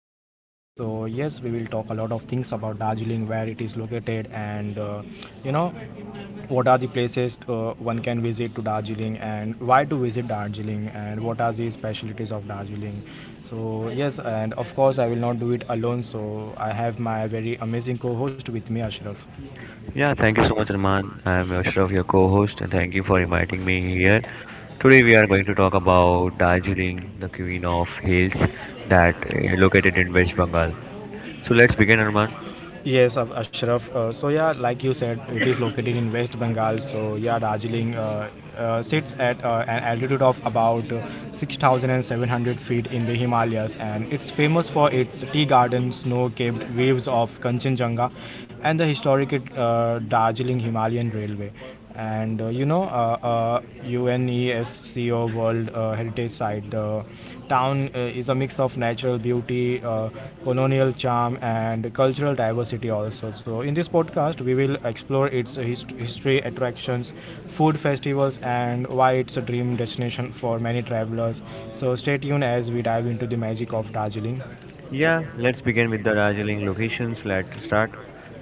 Hills. So yes, we will talk a lot of things about Darjeeling, where it is located, and you know what are the places one can visit to Darjeeling and why to visit Darjeeling and what are the specialties of Darjeeling. So yes, and of course I will not do it alone. So I have my very amazing co-host with me, Ashraf. Yeah, thank you so much, Arman. I'm Ashraf, your co-host, and thank you for inviting me here. Today we are going to talk about Darjeeling, the queen of hills that located in West Bengal. So let's begin, Arman. Yes, Ashraf. So yeah, like you said, it is located in West Bengal. So yeah, Darjeeling sits at an altitude of about 6,700 feet in the Himalayas, and it's famous for its tea garden, snow-capped waves of Kanchenjunga, and the historic Darjeeling Himalayan Railway. And UNESCO World Heritage Site. The town is a mix of natural beauty, colonial charm, and cultural diversity also. So, in this podcast, we will explore its history, attractions, food festivals, and why it's a dream destination for many travelers. So, stay tuned as we dive into the magic of Darjeeling. Yeah, let's begin with the Darjeeling locations. Let's start.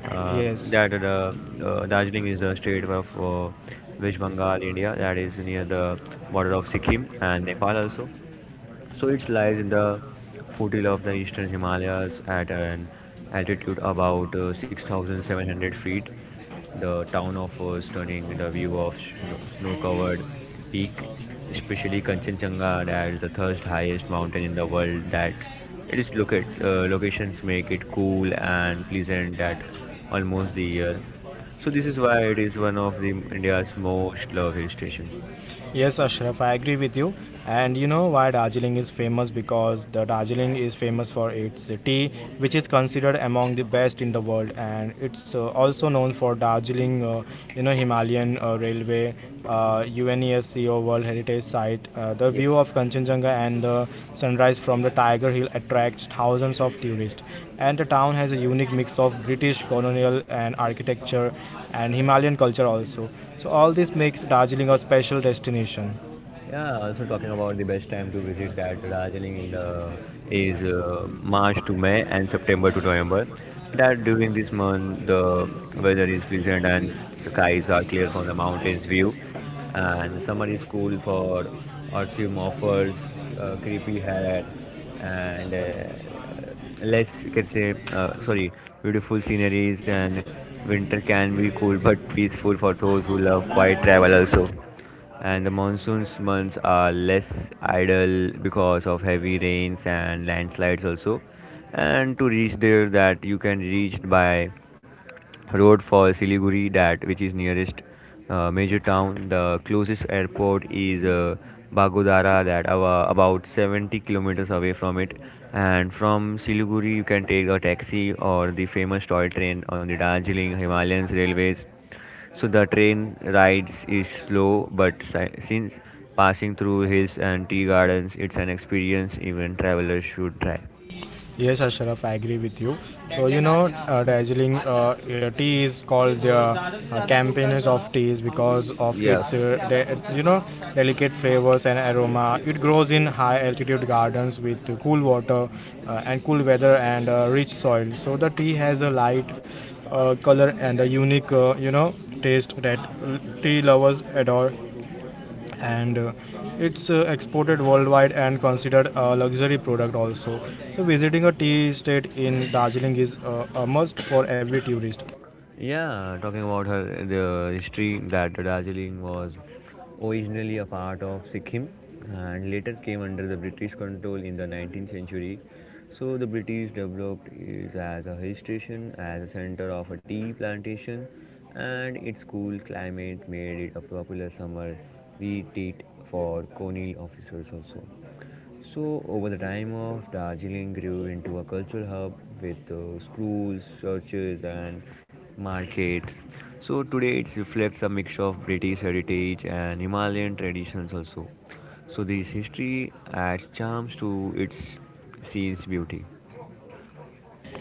Yes. That Darjeeling is a state of West Bengal, India, that is near the border of Sikkim and Nepal also. So it lies in the foothill of the eastern Himalayas at an altitude about 6,700 feet. The town offers stunning the view of snow covered peak, especially Kanchenjunga as the third highest mountain in the world that it is locate, locations make it cool and pleasant at almost the year. So this is why it is one of the India's most loved hill station. Yes, Ashraf, I agree with you. And you know why Darjeeling is famous? Because the Darjeeling is famous for its tea, which is considered among the best in the world, and it's also known for Darjeeling, Himalayan Railway, UNESCO World Heritage Site. The view of Kanchenjunga and the sunrise from the Tiger Hill attracts thousands of tourists. And the town has a unique mix of British colonial and architecture and Himalayan culture also. So all this makes Darjeeling a special destination. Yeah, also talking about the best time to visit that Darjeeling in the is March to May and September to November. That during this month the weather is pleasant and skies are clear from the mountains view, and summer is cool for autumn offers creepy hair and less you can say sorry, beautiful sceneries, and winter can be cool but peaceful for those who love quiet travel also, and the monsoons months are less idle because of heavy rains and landslides also. And to reach there, that you can reach by road for siliguri that which is nearest major town. The closest airport is bagodara that about 70 kilometers away from it, and from siliguri you can take a taxi or the famous toy train on the darjeeling himalayas railways. So the train rides is slow, but since passing through hills and tea gardens, it's an experience even travelers should try. Yes, Ashraf, I agree with you. So, you know, Darjeeling tea is called the campaigners of teas because of Yeah. its, delicate flavors and aroma. It grows in high altitude gardens with cool water and cool weather and rich soil. So, the tea has a light color and a unique, taste that tea lovers adore and it's exported worldwide and considered a luxury product also. So visiting a tea estate in Darjeeling is a must for every tourist. Yeah, talking about her the history that Darjeeling was originally a part of Sikkim and later came under the British control in the 19th century. So the British developed it as a hill station, as a center of a tea plantation, and its cool climate made it a popular summer retreat for colonial officers also. So, over the time of Darjeeling grew into a cultural hub with schools, churches, and markets. So, today it reflects a mix of British heritage and Himalayan traditions also. So, this history adds charms to its scene's beauty.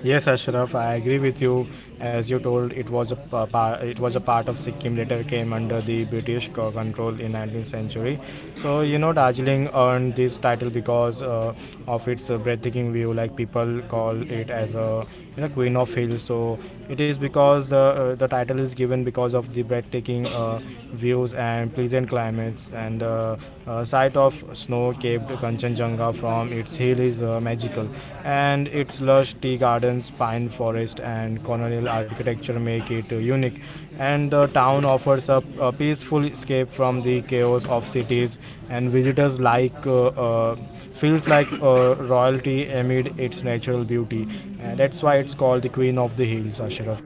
Yes, Ashraf, I agree with you. As you told, it was a pa- pa- it was a part of Sikkim. Later came under the British control in 19th century. So you know, Darjeeling earned this title because of its breathtaking view. Like people call it as a, you know, Queen of Hills. So it is because the title is given because of the breathtaking views and pleasant climates and sight of snow-capped Kanchenjunga from its hill is magical, and its lush tea gardens, pine forest, and colonial architecture make it unique. And the town offers a peaceful escape from the chaos of cities, and visitors like feels like royalty amid its natural beauty. And that's why it's called the Queen of the Hills, Ashraf.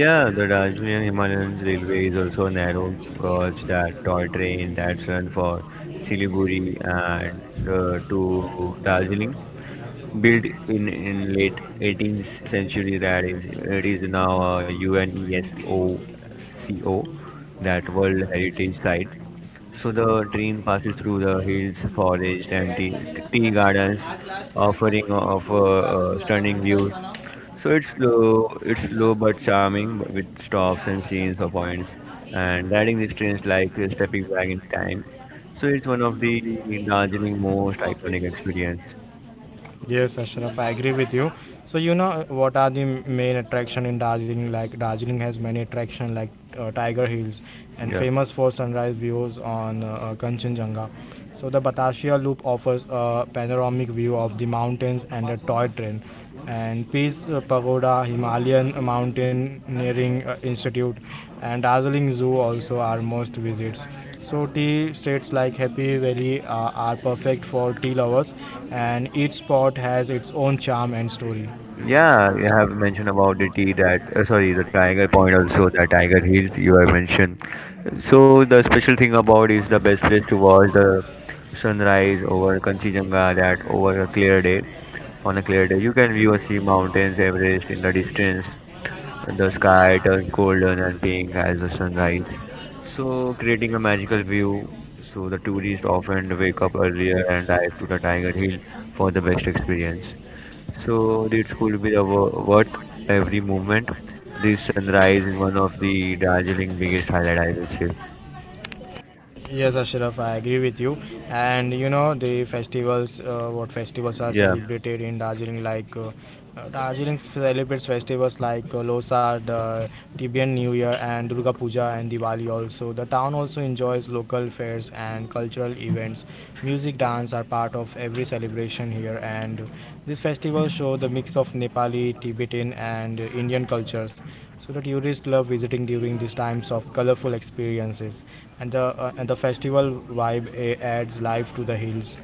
Yeah, the Darjeeling Himalayans Railway is also a narrow gauge that toy train that's run for Siliguri and to Darjeeling. Built in late 18th century that is it is now a UNESCO that World Heritage Site. So the train passes through the hills, forest and tea gardens, offering of stunning views. So it's slow but charming, but with stops and scenes of points. And riding these trains like stepping back in time. So it's one of the Darjeeling most iconic experience. Yes, Ashraf, I agree with you. So you know what are the main attraction in Darjeeling? Like Darjeeling has many attraction like Tiger Hills and Yeah. famous for sunrise views on Kanchenjunga. So the Batashia Loop offers a panoramic view of the mountains and a toy train and Peace Pagoda, Himalayan Mountaineering Institute, and Darjeeling Zoo also are most visits. So tea states like Happy Valley are perfect for tea lovers, and each spot has its own charm and story. Yeah, you have mentioned about the tea that sorry, the Tiger Point also the Tiger Hills you have mentioned. So the special thing about is the best place to watch the sunrise over Kanchenjunga that over a clear day. On a clear day, you can view or see mountains, Everest in the distance. The sky turns golden and pink as the sun rises, so creating a magical view. So the tourists often wake up earlier and dive to the Tiger Hill for the best experience. So it could be the worth every moment. This sunrise is one of the Darjeeling biggest highlight, I would say. Yes, Ashraf, I agree with you. And you know the festivals, what festivals are Yeah. celebrated in Darjeeling? Like Darjeeling celebrates festivals like Losar, the Tibetan New Year, and Durga Puja and Diwali. Also, the town also enjoys local fairs and cultural events. Music, dance are part of every celebration here, and these festivals show the mix of Nepali, Tibetan, and Indian cultures. So the tourists love visiting during these times of colorful experiences and the festival vibe adds life to the hills.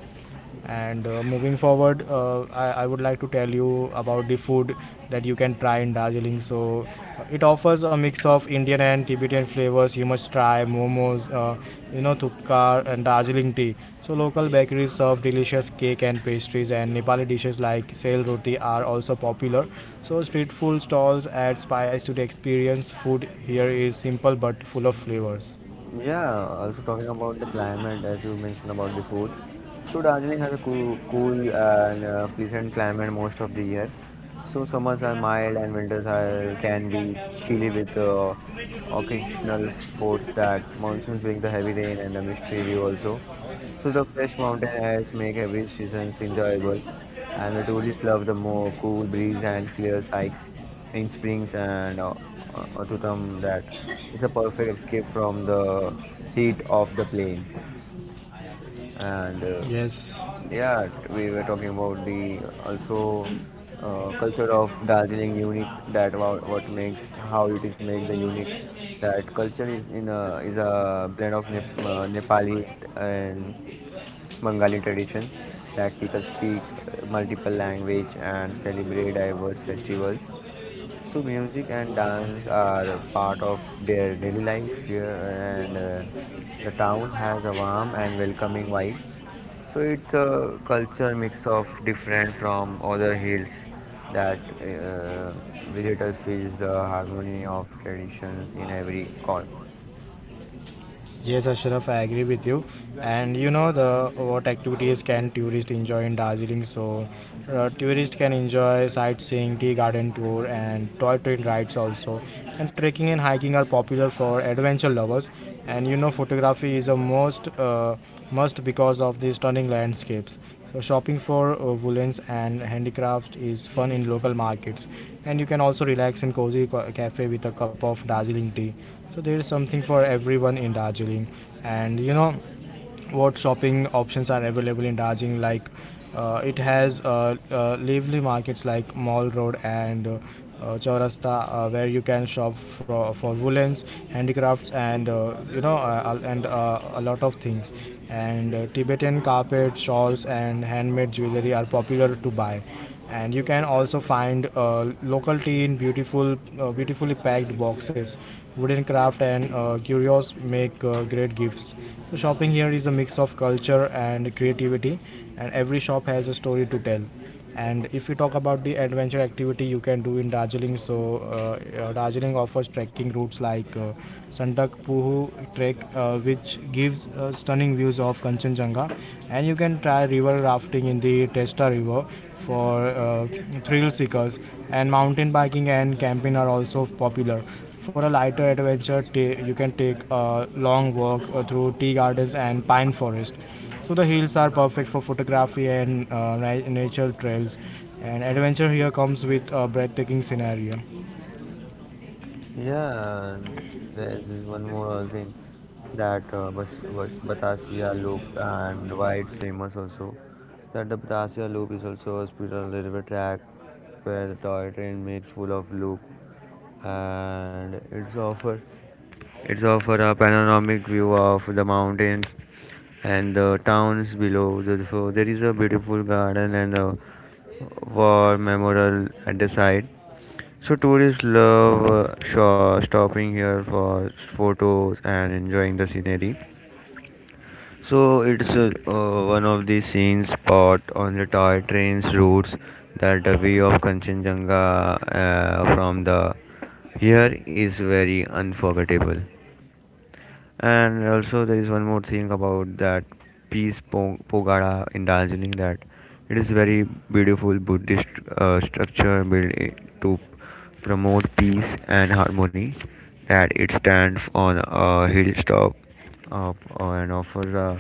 And moving forward, I would like to tell you about the food that you can try in Darjeeling. So it offers a mix of Indian and Tibetan flavors. You must try momos, thupkar and Darjeeling tea. So local bakeries serve delicious cake and pastries, and Nepali dishes like sale roti are also popular. So street food stalls add spice to the experience. Food here is simple but full of flavors. Yeah, also talking about the climate, as you mentioned about the food. So Darjeeling has a cool and pleasant climate most of the year. So summers are mild and winters are, can be chilly with occasional forts that monsoons bring the heavy rain and the mystery view also. So the fresh mountain airs make every season enjoyable, and the tourists love the more cool breeze and clear hikes in springs and autumn. That it's a perfect escape from the heat of the plain and Yes, yeah, we were talking about the also culture of Darjeeling unique that what makes how it is make the unique, that culture is in a is a blend of Nepali and Bengali tradition that people speak multiple language and celebrate diverse festivals. So music and dance are a part of their daily life here, and the town has a warm and welcoming vibe, so it's a culture mix of different from other hills that visitors feels the harmony of traditions in every corner. yes, Ashraf, I agree with you. And you know the what activities can tourists enjoy in Darjeeling? So, tourists can enjoy sightseeing, tea garden tour, and toy train rides also. And trekking and hiking are popular for adventure lovers. And you know, photography is a most must because of the stunning landscapes. So shopping for woolens and handicrafts is fun in local markets, and you can also relax in cozy cafe with a cup of Darjeeling tea. So there is something for everyone in Darjeeling, and you know what shopping options are available in Darjeeling. Like it has lively markets like Mall Road and chaurasta where you can shop for woolens, handicrafts and a lot of things, and Tibetan carpet shawls and handmade jewelry are popular to buy. And you can also find local tea in beautifully packed boxes, wooden craft and curios make great gifts. So shopping here is a mix of culture and creativity, and every shop has a story to tell. And if you talk about the adventure activity you can do in Darjeeling, so Darjeeling offers trekking routes like Sandak Puhu Trek, which gives stunning views of Kanchenjunga, and you can try river rafting in the Teesta River for thrill seekers. And mountain biking and camping are also popular. For a lighter adventure, you can take a long walk through tea gardens and pine forest. So the hills are perfect for photography and nature trails. And adventure here comes with a breathtaking scenario. Yeah, there's this one more other thing that Batasia Loop and why it's famous also. That the Batasia Loop is also a spiritual railway track where the toy train makes full of loop, and it's offer a panoramic view of the mountains and the towns below. So there is a beautiful garden and a war memorial at the side. So tourists love stopping here for photos and enjoying the scenery. So it's one of the scenes spot on the toy trains routes that the view of Kanchenjunga from the here is very unforgettable. And also, there is one more thing about that peace Pogada in Darjeeling that it is very beautiful Buddhist structure built to promote peace and harmony. That it stands on a hilltop and offers a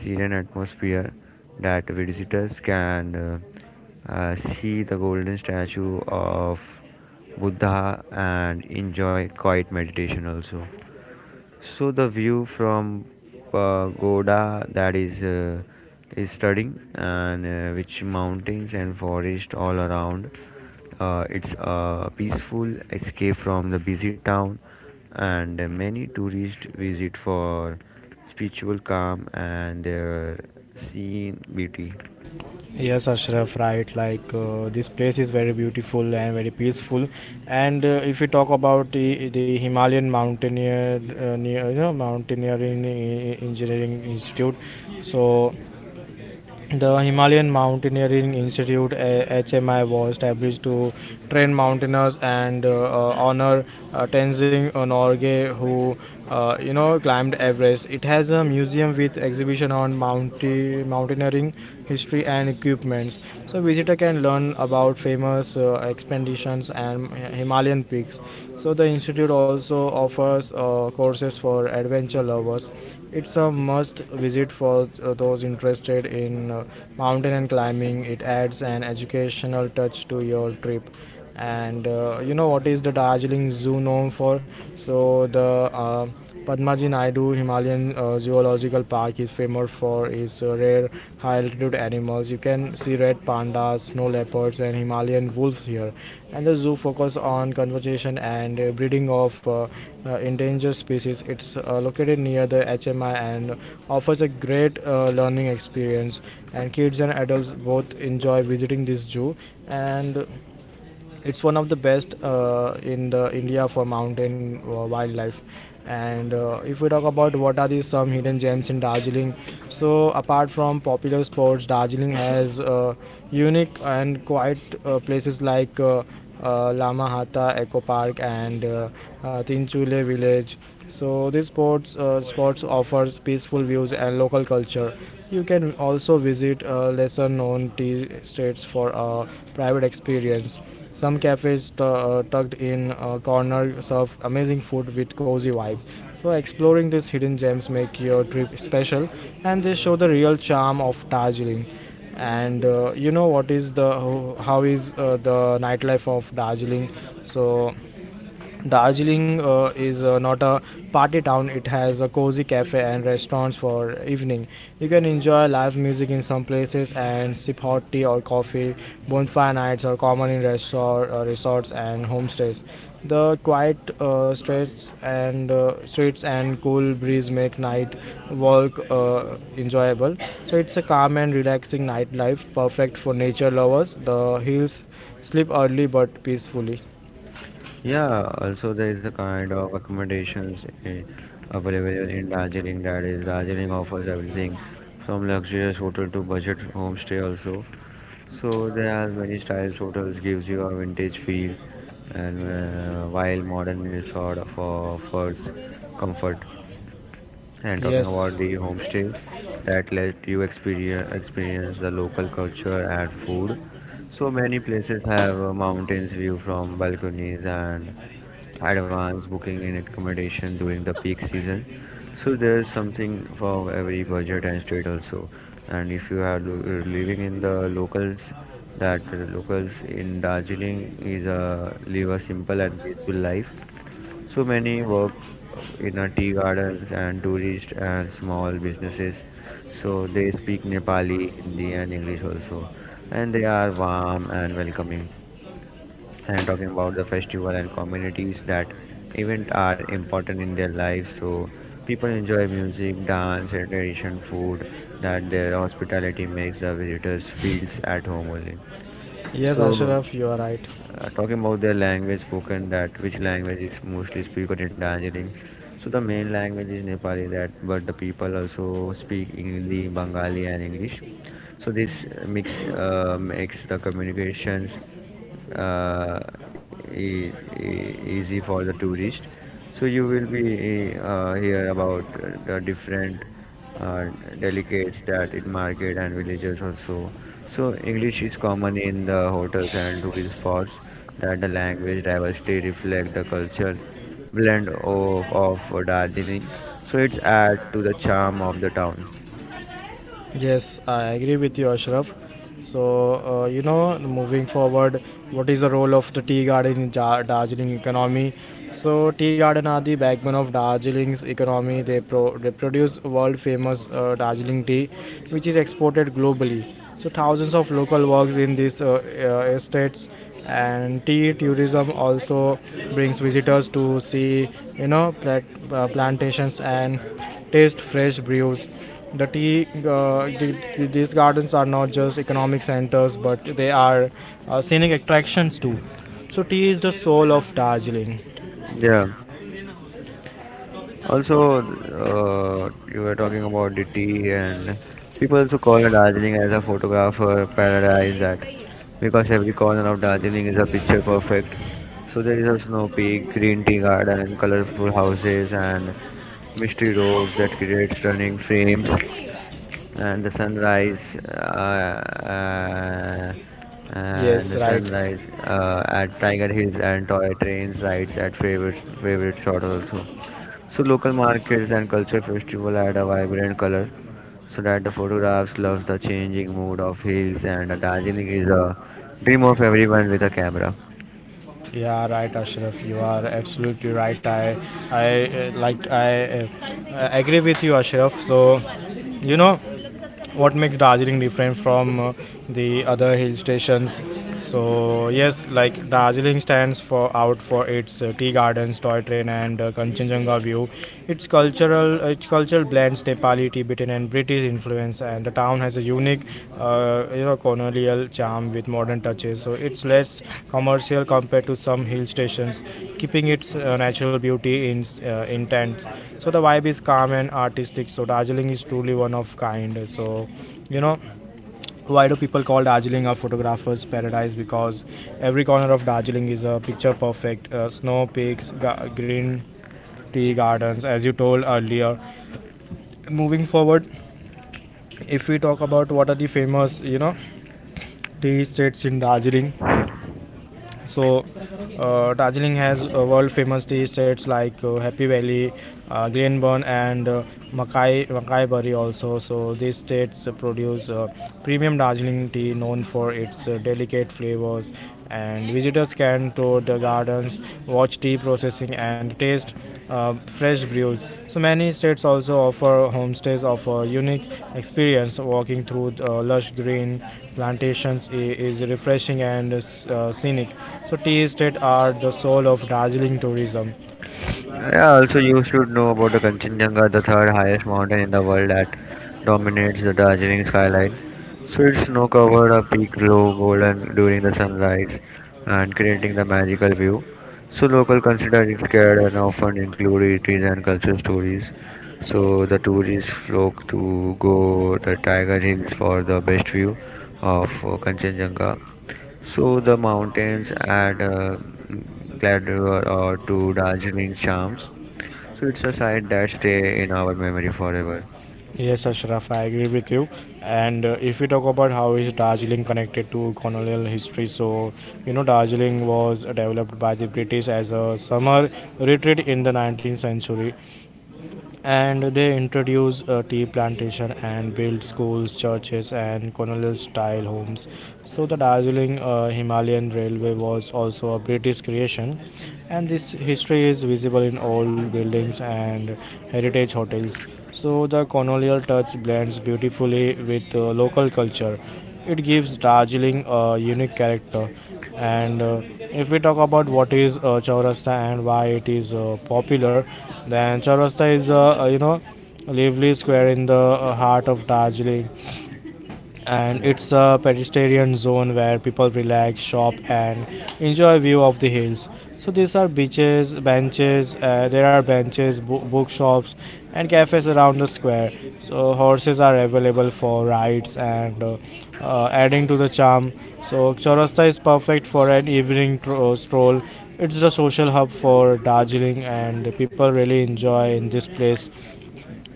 serene atmosphere that visitors can see the golden statue of Buddha and enjoy quiet meditation also. So the view from pagoda that is stunning, and which mountains and forest all around. It's a peaceful escape from the busy town, and many tourists visit for spiritual calm and their scene beauty. Yes, Ashraf, right. Like this place is very beautiful and very peaceful. And if we talk about the Himalayan mountaineer, near, you know, mountaineering engineering institute, so the Himalayan Mountaineering Institute (HMI) was established to train mountaineers and honor Tenzing Norgay, who climbed Everest. It has a museum with exhibition on mountaineering history and equipments. So visitor can learn about famous expeditions and Himalayan peaks. So the institute also offers courses for adventure lovers. It's a must visit for those interested in mountain and climbing. It adds an educational touch to your trip. And you know what is the Darjeeling Zoo known for? So the uh, Padmaji Naidu Himalayan Zoological Park is famous for its rare high altitude animals. You can see red pandas, snow leopards, and Himalayan wolves here. And the zoo focuses on conservation and breeding of endangered species. It's located near the HMI and offers a great learning experience. And kids and adults both enjoy visiting this zoo. And it's one of the best in the India for mountain wildlife. And if we talk about what are the some hidden gems in Darjeeling, so apart from popular sports Darjeeling has unique and quiet places like lama eco park and tinchule village. So these sports spots offers peaceful views and local culture. You can also visit lesser known tea estates for a private experience. Some cafes tucked in corners serve amazing food with cozy vibe. So exploring these hidden gems make your trip special, and they show the real charm of Darjeeling. And what is the how is the nightlife of Darjeeling? So Darjeeling is not a party town. It has a cozy cafe and restaurants for evening. You can enjoy live music in some places and sip hot tea or coffee. Bonfire nights are common in resorts and homestays. The quiet streets and cool breeze make night walk enjoyable. So it's a calm and relaxing nightlife, perfect for nature lovers. The hills sleep early but peacefully. Yeah, also there is a kind of accommodations eh, available in Darjeeling. That is, Darjeeling offers everything from luxurious hotel to budget homestay also. So there are many styles. Hotels gives you a vintage feel, and while modern resort for offers comfort, and talking Yes. about the homestay that let you experience the local culture and food. So many places have a mountains view from balconies and advanced booking in accommodation during the peak season. So there's something for every budget and state also. And if you are living in the locals, that locals in Darjeeling is a live a simple and peaceful life, so many work in a tea gardens and tourist and small businesses. So they speak Nepali, Hindi and English also. And they are warm and welcoming. And talking about the festival and communities that event are important in their life. So people enjoy music, dance and tradition food that their hospitality makes the visitors feels at home only. Yes, So Ashraf, you are right. Talking about their language spoken that which language is mostly spoken in Darjeeling, so the main language is Nepali that, but the people also speak Hindi, Bengali and English. So this mix makes the communications uh, e- easy for the tourist. So you will be hear about the different uh, delicates that in market and villages also. So English is common in the hotels and tourist spots that the language diversity reflect the culture blend of Darjeeling, so it's add to the charm of the town. Yes, I agree with you, Ashraf. So, moving forward, what is the role of the tea garden in Darjeeling economy? So, tea garden are the backbone of Darjeeling's economy. They produce world famous Darjeeling tea, which is exported globally. So, thousands of local works in these estates and tea tourism also brings visitors to see you know plat- plantations and taste fresh brews. These gardens are not just economic centers, but they are scenic attractions too. So tea is the soul of Darjeeling. Yeah. Also, you were talking about the tea, and people also call Darjeeling as a photographer paradise. That because every corner of Darjeeling is a picture perfect. So there is a snow peak, green tea garden, colorful houses, and mystery roads that create stunning frames. And the uh, Yes, right. sunrise at Tiger Hills and toy trains rides at favorite shot also. So local markets and culture festival add a vibrant color, so that the photographs love the changing mood of hills, and Darjeeling is a dream of everyone with a camera. Yeah, right, Ashraf. You are absolutely right. I agree with you, Ashraf. So, you know, what makes Darjeeling different from the other hill stations? So yes, like Darjeeling stands for out for its tea gardens, toy train, and Kanchenjunga view. Its culture blends Nepali, Tibetan, and British influence, and the town has a unique, colonial charm with modern touches. So it's less commercial compared to some hill stations, keeping its natural beauty in intact. So the vibe is calm and artistic. So Darjeeling is truly one of kind. You know. Why do people call Darjeeling a photographer's paradise? Because every corner of Darjeeling is a picture perfect. Snow peaks, green tea gardens, as you told earlier. Moving forward, if we talk about what are the famous, you know, tea estates in Darjeeling. So, Darjeeling has world famous tea estates like Happy Valley, Glenburn, and Mackay also. So, these states produce premium Darjeeling tea known for its delicate flavors. And visitors can tour the gardens, watch tea processing, and taste fresh brews. So many states also offer homestays of a unique experience. Walking through lush green plantations is refreshing and scenic. So tea estate are the soul of Darjeeling tourism. Yeah, also you should know about the Kanchenjunga, the third highest mountain in the world, that dominates the Darjeeling skyline. So its snow covered a peak glow golden during the sunrise and creating the magical view. So local consider it scared and often include retreats and cultural stories. So the tourists flock to go the Tiger Hills for the best view of Kanchenjunga. So the mountains add Gladwell or to Darjeeling charms. So it's a side that stay in our memory forever. Yes, Ashraf, I agree with you. And if we talk about how is Darjeeling connected to colonial history, so you know Darjeeling was developed by the British as a summer retreat in the 19th century. And they introduce tea plantation and build schools, churches, and colonial-style homes. So the Darjeeling Himalayan Railway was also a British creation, and this history is visible in old buildings and heritage hotels. So the colonial touch blends beautifully with local culture. It gives Darjeeling a unique character. And if we talk about what is Chaurasta and why it is popular, then Chaurasta is a lively square in the heart of Darjeeling, and it's a pedestrian zone where people relax, shop, and enjoy view of the hills. So these are beaches, benches. There are bookshops, and cafes around the square. So horses are available for rides and adding to the charm. So Chaurasta is perfect for an evening stroll. It's the social hub for Darjeeling, and people really enjoy in this place.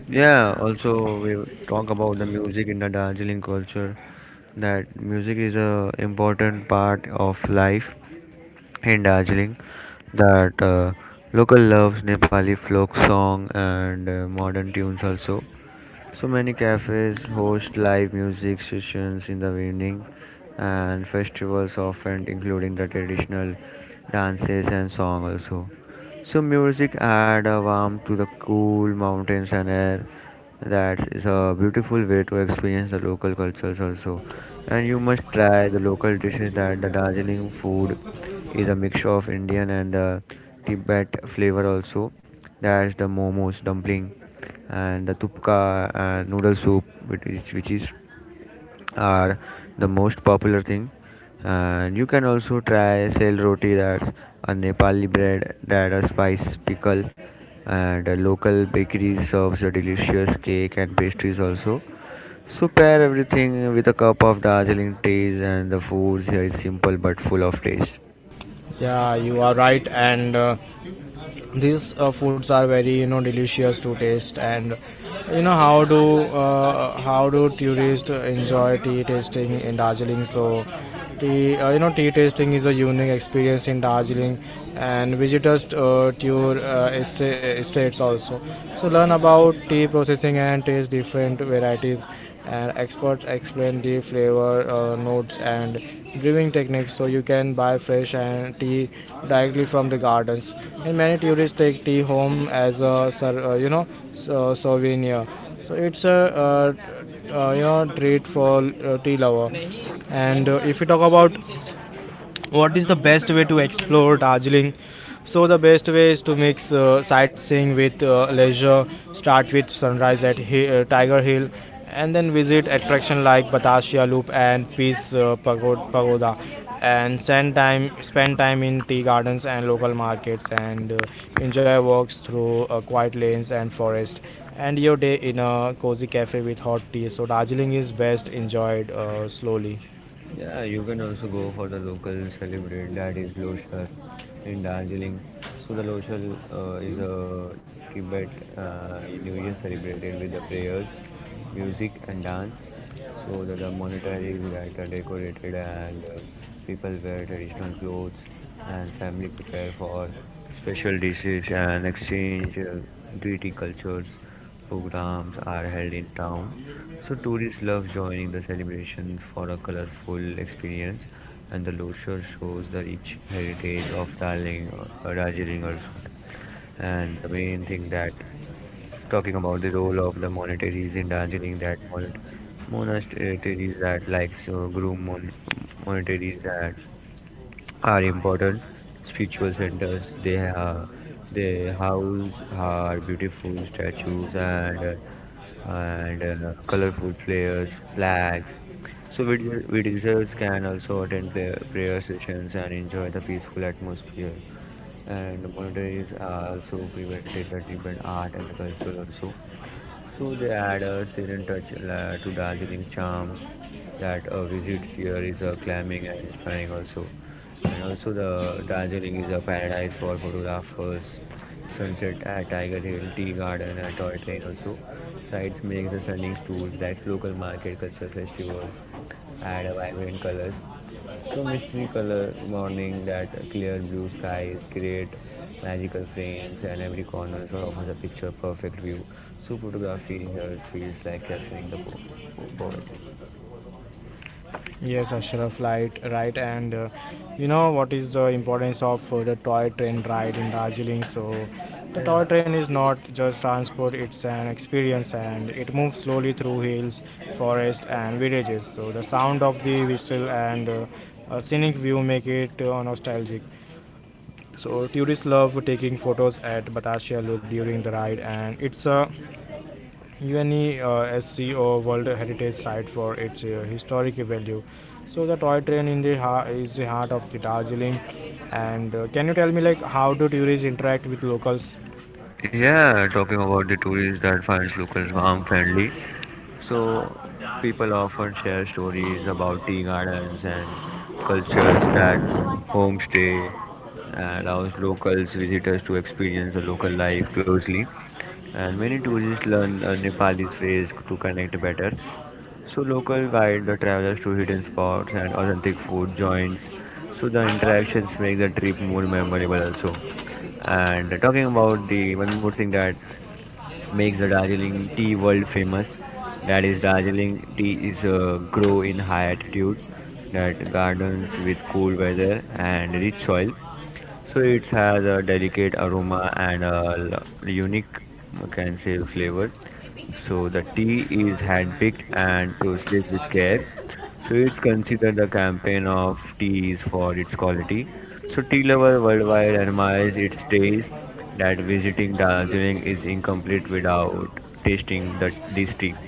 Yeah, also we talk about the music in the Darjeeling culture, that music is a important part of life in Darjeeling that local loves Nepali folk song and modern tunes also. So many cafes host live music sessions in the evening, and festivals often including the traditional dances and song also. So music add a warmth to the cool mountains and air. That is a beautiful way to experience the local cultures also. And you must try the local dishes, that the Darjeeling food is a mixture of Indian and Tibet flavor also. That's the momos dumpling and the tupka and noodle soup, which is are the most popular thing. And you can also try sel roti, that's a nepali bread, that a spice pickle, and a local bakery serves a delicious cake and pastries also. So pair everything with a cup of Darjeeling teas, and the foods here is simple but full of taste. Yeah, you are right, and these foods are very you know delicious to taste. And you know how do tourists enjoy tea tasting in Darjeeling? So tea you know tea tasting is a unique experience in Darjeeling, and visitors tour estates also, so learn about tea processing and taste different varieties, and experts explain the flavor notes and brewing techniques. So you can buy fresh and tea directly from the gardens, and many tourists take tea home as a uh, you know souvenir. So it's a treat for tea lover. And if you talk about what is the best way to explore Darjeeling? So the best way is to mix sightseeing with leisure. Start with sunrise at Tiger Hill, and then visit attractions like Batasia Loop and Pagoda, and spend time in tea gardens and local markets, and enjoy walks through quiet lanes and forest. And your day in a cozy cafe with hot tea. So Darjeeling is best enjoyed slowly. Yeah, you can also go for the local celebrate that is Loshar in Darjeeling. So the Loshar is a Tibet New Year, celebrated with the prayers, music and dance. So the monasteries that are decorated, and people wear traditional clothes, and family prepare for special dishes and exchange greedy cultures. Programs are held in town, so tourists love joining the celebrations for a colorful experience, and the Locher shows the rich heritage of Darling, Darjeeling also. And the main thing that, talking about the role of the monasteries in Darjeeling, that monasteries that, like, so groom monasteries that are important spiritual centers. They have, they house are beautiful statues and colorful flares, flags. So visitors can also attend prayer sessions and enjoy the peaceful atmosphere. And monasteries are also prevented the treatment art and culture also. So they add a serene touch to Darjeeling charms, that a visit here is climbing and inspiring also. And also the Darjeeling is a paradise for photographers. Sunset at Tiger Hill, Tea Garden and Toy Train also. Sites makes the stunning tours, like local market culture festivals add a vibrant colors. So mystery color morning, that clear blue skies create magical frames, and every corner offers a picture perfect view. So photography here feels like capturing the poverty. Yes, Ashraf, right, right, and you know what is the importance of the toy train ride in Darjeeling? So, the toy Yeah. train is not just transport; it's an experience, and it moves slowly through hills, forest, and villages. So, the sound of the whistle and a scenic view make it nostalgic. So, tourists love taking photos at Batasha Loop during the ride, and it's a UNESCO World Heritage Site for its historic value. So the toy train is the heart of the Darjeeling. And can you tell me like how do tourists interact with locals? Yeah, talking about the tourists that finds locals warm, friendly. So people often share stories about tea gardens and cultures, that homestay allows locals visitors to experience the local life closely. And many tourists learn Nepali phrase to connect better. So local guide the travelers to hidden spots and authentic food joints. So the interactions make the trip more memorable also. And talking about the one more thing that makes the Darjeeling tea world famous, that is Darjeeling tea is grow in high altitude, that gardens with cool weather and rich soil. So it has a delicate aroma and a unique, we can say, flavor. So the tea is handpicked and processed with care. So it's considered the campaign of teas for its quality. So tea lover worldwide admires its taste. That visiting Darjeeling is incomplete without tasting the this tea.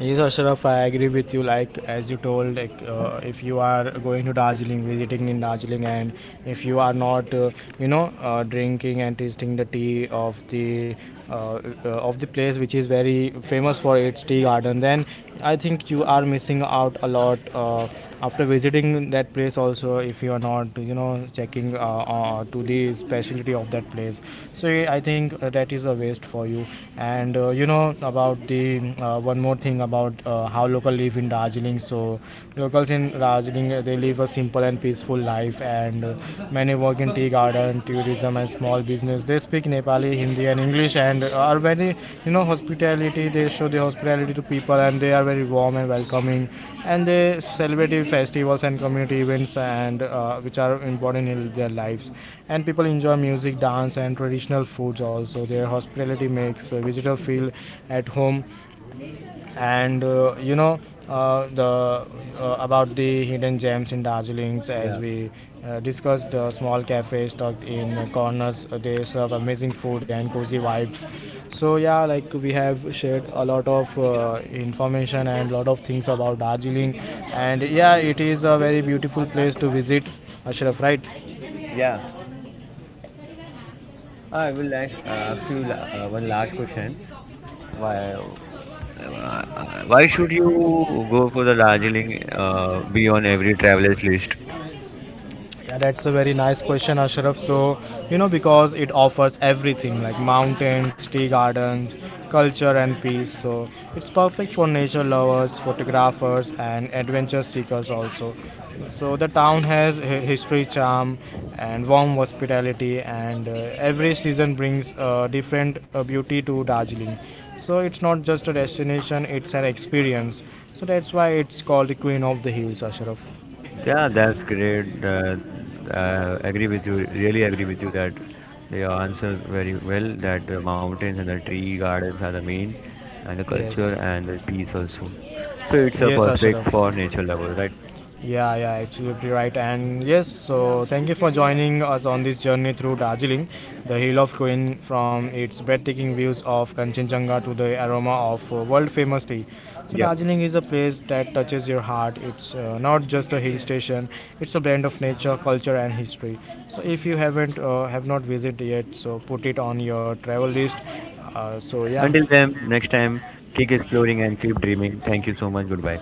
Yes, Ashraf, I agree with you. Like as you told, like if you are going to Darjeeling, visiting in Darjeeling, and if you are not drinking and tasting the tea uh, of the place which is very famous for its tea garden, then I think you are missing out a lot. After visiting that place also if you are not you know checking to the specialty of that place, so I think that is a waste for you. And you know about the one more thing about how local live in Darjeeling. So locals in Darjeeling they live a simple and peaceful life, and many work in tea garden tourism and small business. They speak Nepali, Hindi, and English, and are very, you know, hospitality. They show the hospitality to people, and they are very warm and welcoming. And they celebrate festivals and community events, and which are important in their lives. And people enjoy music, dance, and traditional foods also. Their hospitality makes a visitor feel at home. And you know the about the hidden gems in Darjeeling, as Yeah, we discussed, the small cafes tucked in corners, they serve amazing food and cozy vibes. So yeah, like we have shared a lot of information and lot of things about Darjeeling, and yeah, it is a very beautiful place to visit, Ashraf, right? yeah. I will ask, ask you one last question. Why, uh, why should you go for the Darjeeling be on every traveler's list? Yeah, that's a very nice question, Ashraf. So, you know, because it offers everything like mountains, tea gardens, culture, and peace. So, it's perfect for nature lovers, photographers, and adventure seekers also. So, the town has history, charm, and warm hospitality, and every season brings different beauty to Darjeeling. So, it's not just a destination, it's an experience. So, that's why it's called the Queen of the Hills, Ashraf. Yeah, that's great. I agree with you. Really agree with you that they answer very well. That the mountains and the tree gardens are the main, and the Yes. culture and the peace also. So it's a Yes, perfect Ashraf. for nature lovers, right? Yeah, yeah, absolutely right. And yes, so thank you for joining us on this journey through Darjeeling, the hill of Queen, from its breathtaking views of Kanchenjunga to the aroma of world famous tea. So, Yeah. Darjeeling is a place that touches your heart. It's not just a hill station, it's a blend of nature, culture, and history. So, if you haven't, have not visited yet, so put it on your travel list. So, Until yeah, then, next time, keep exploring and keep dreaming. Thank you so much. Goodbye.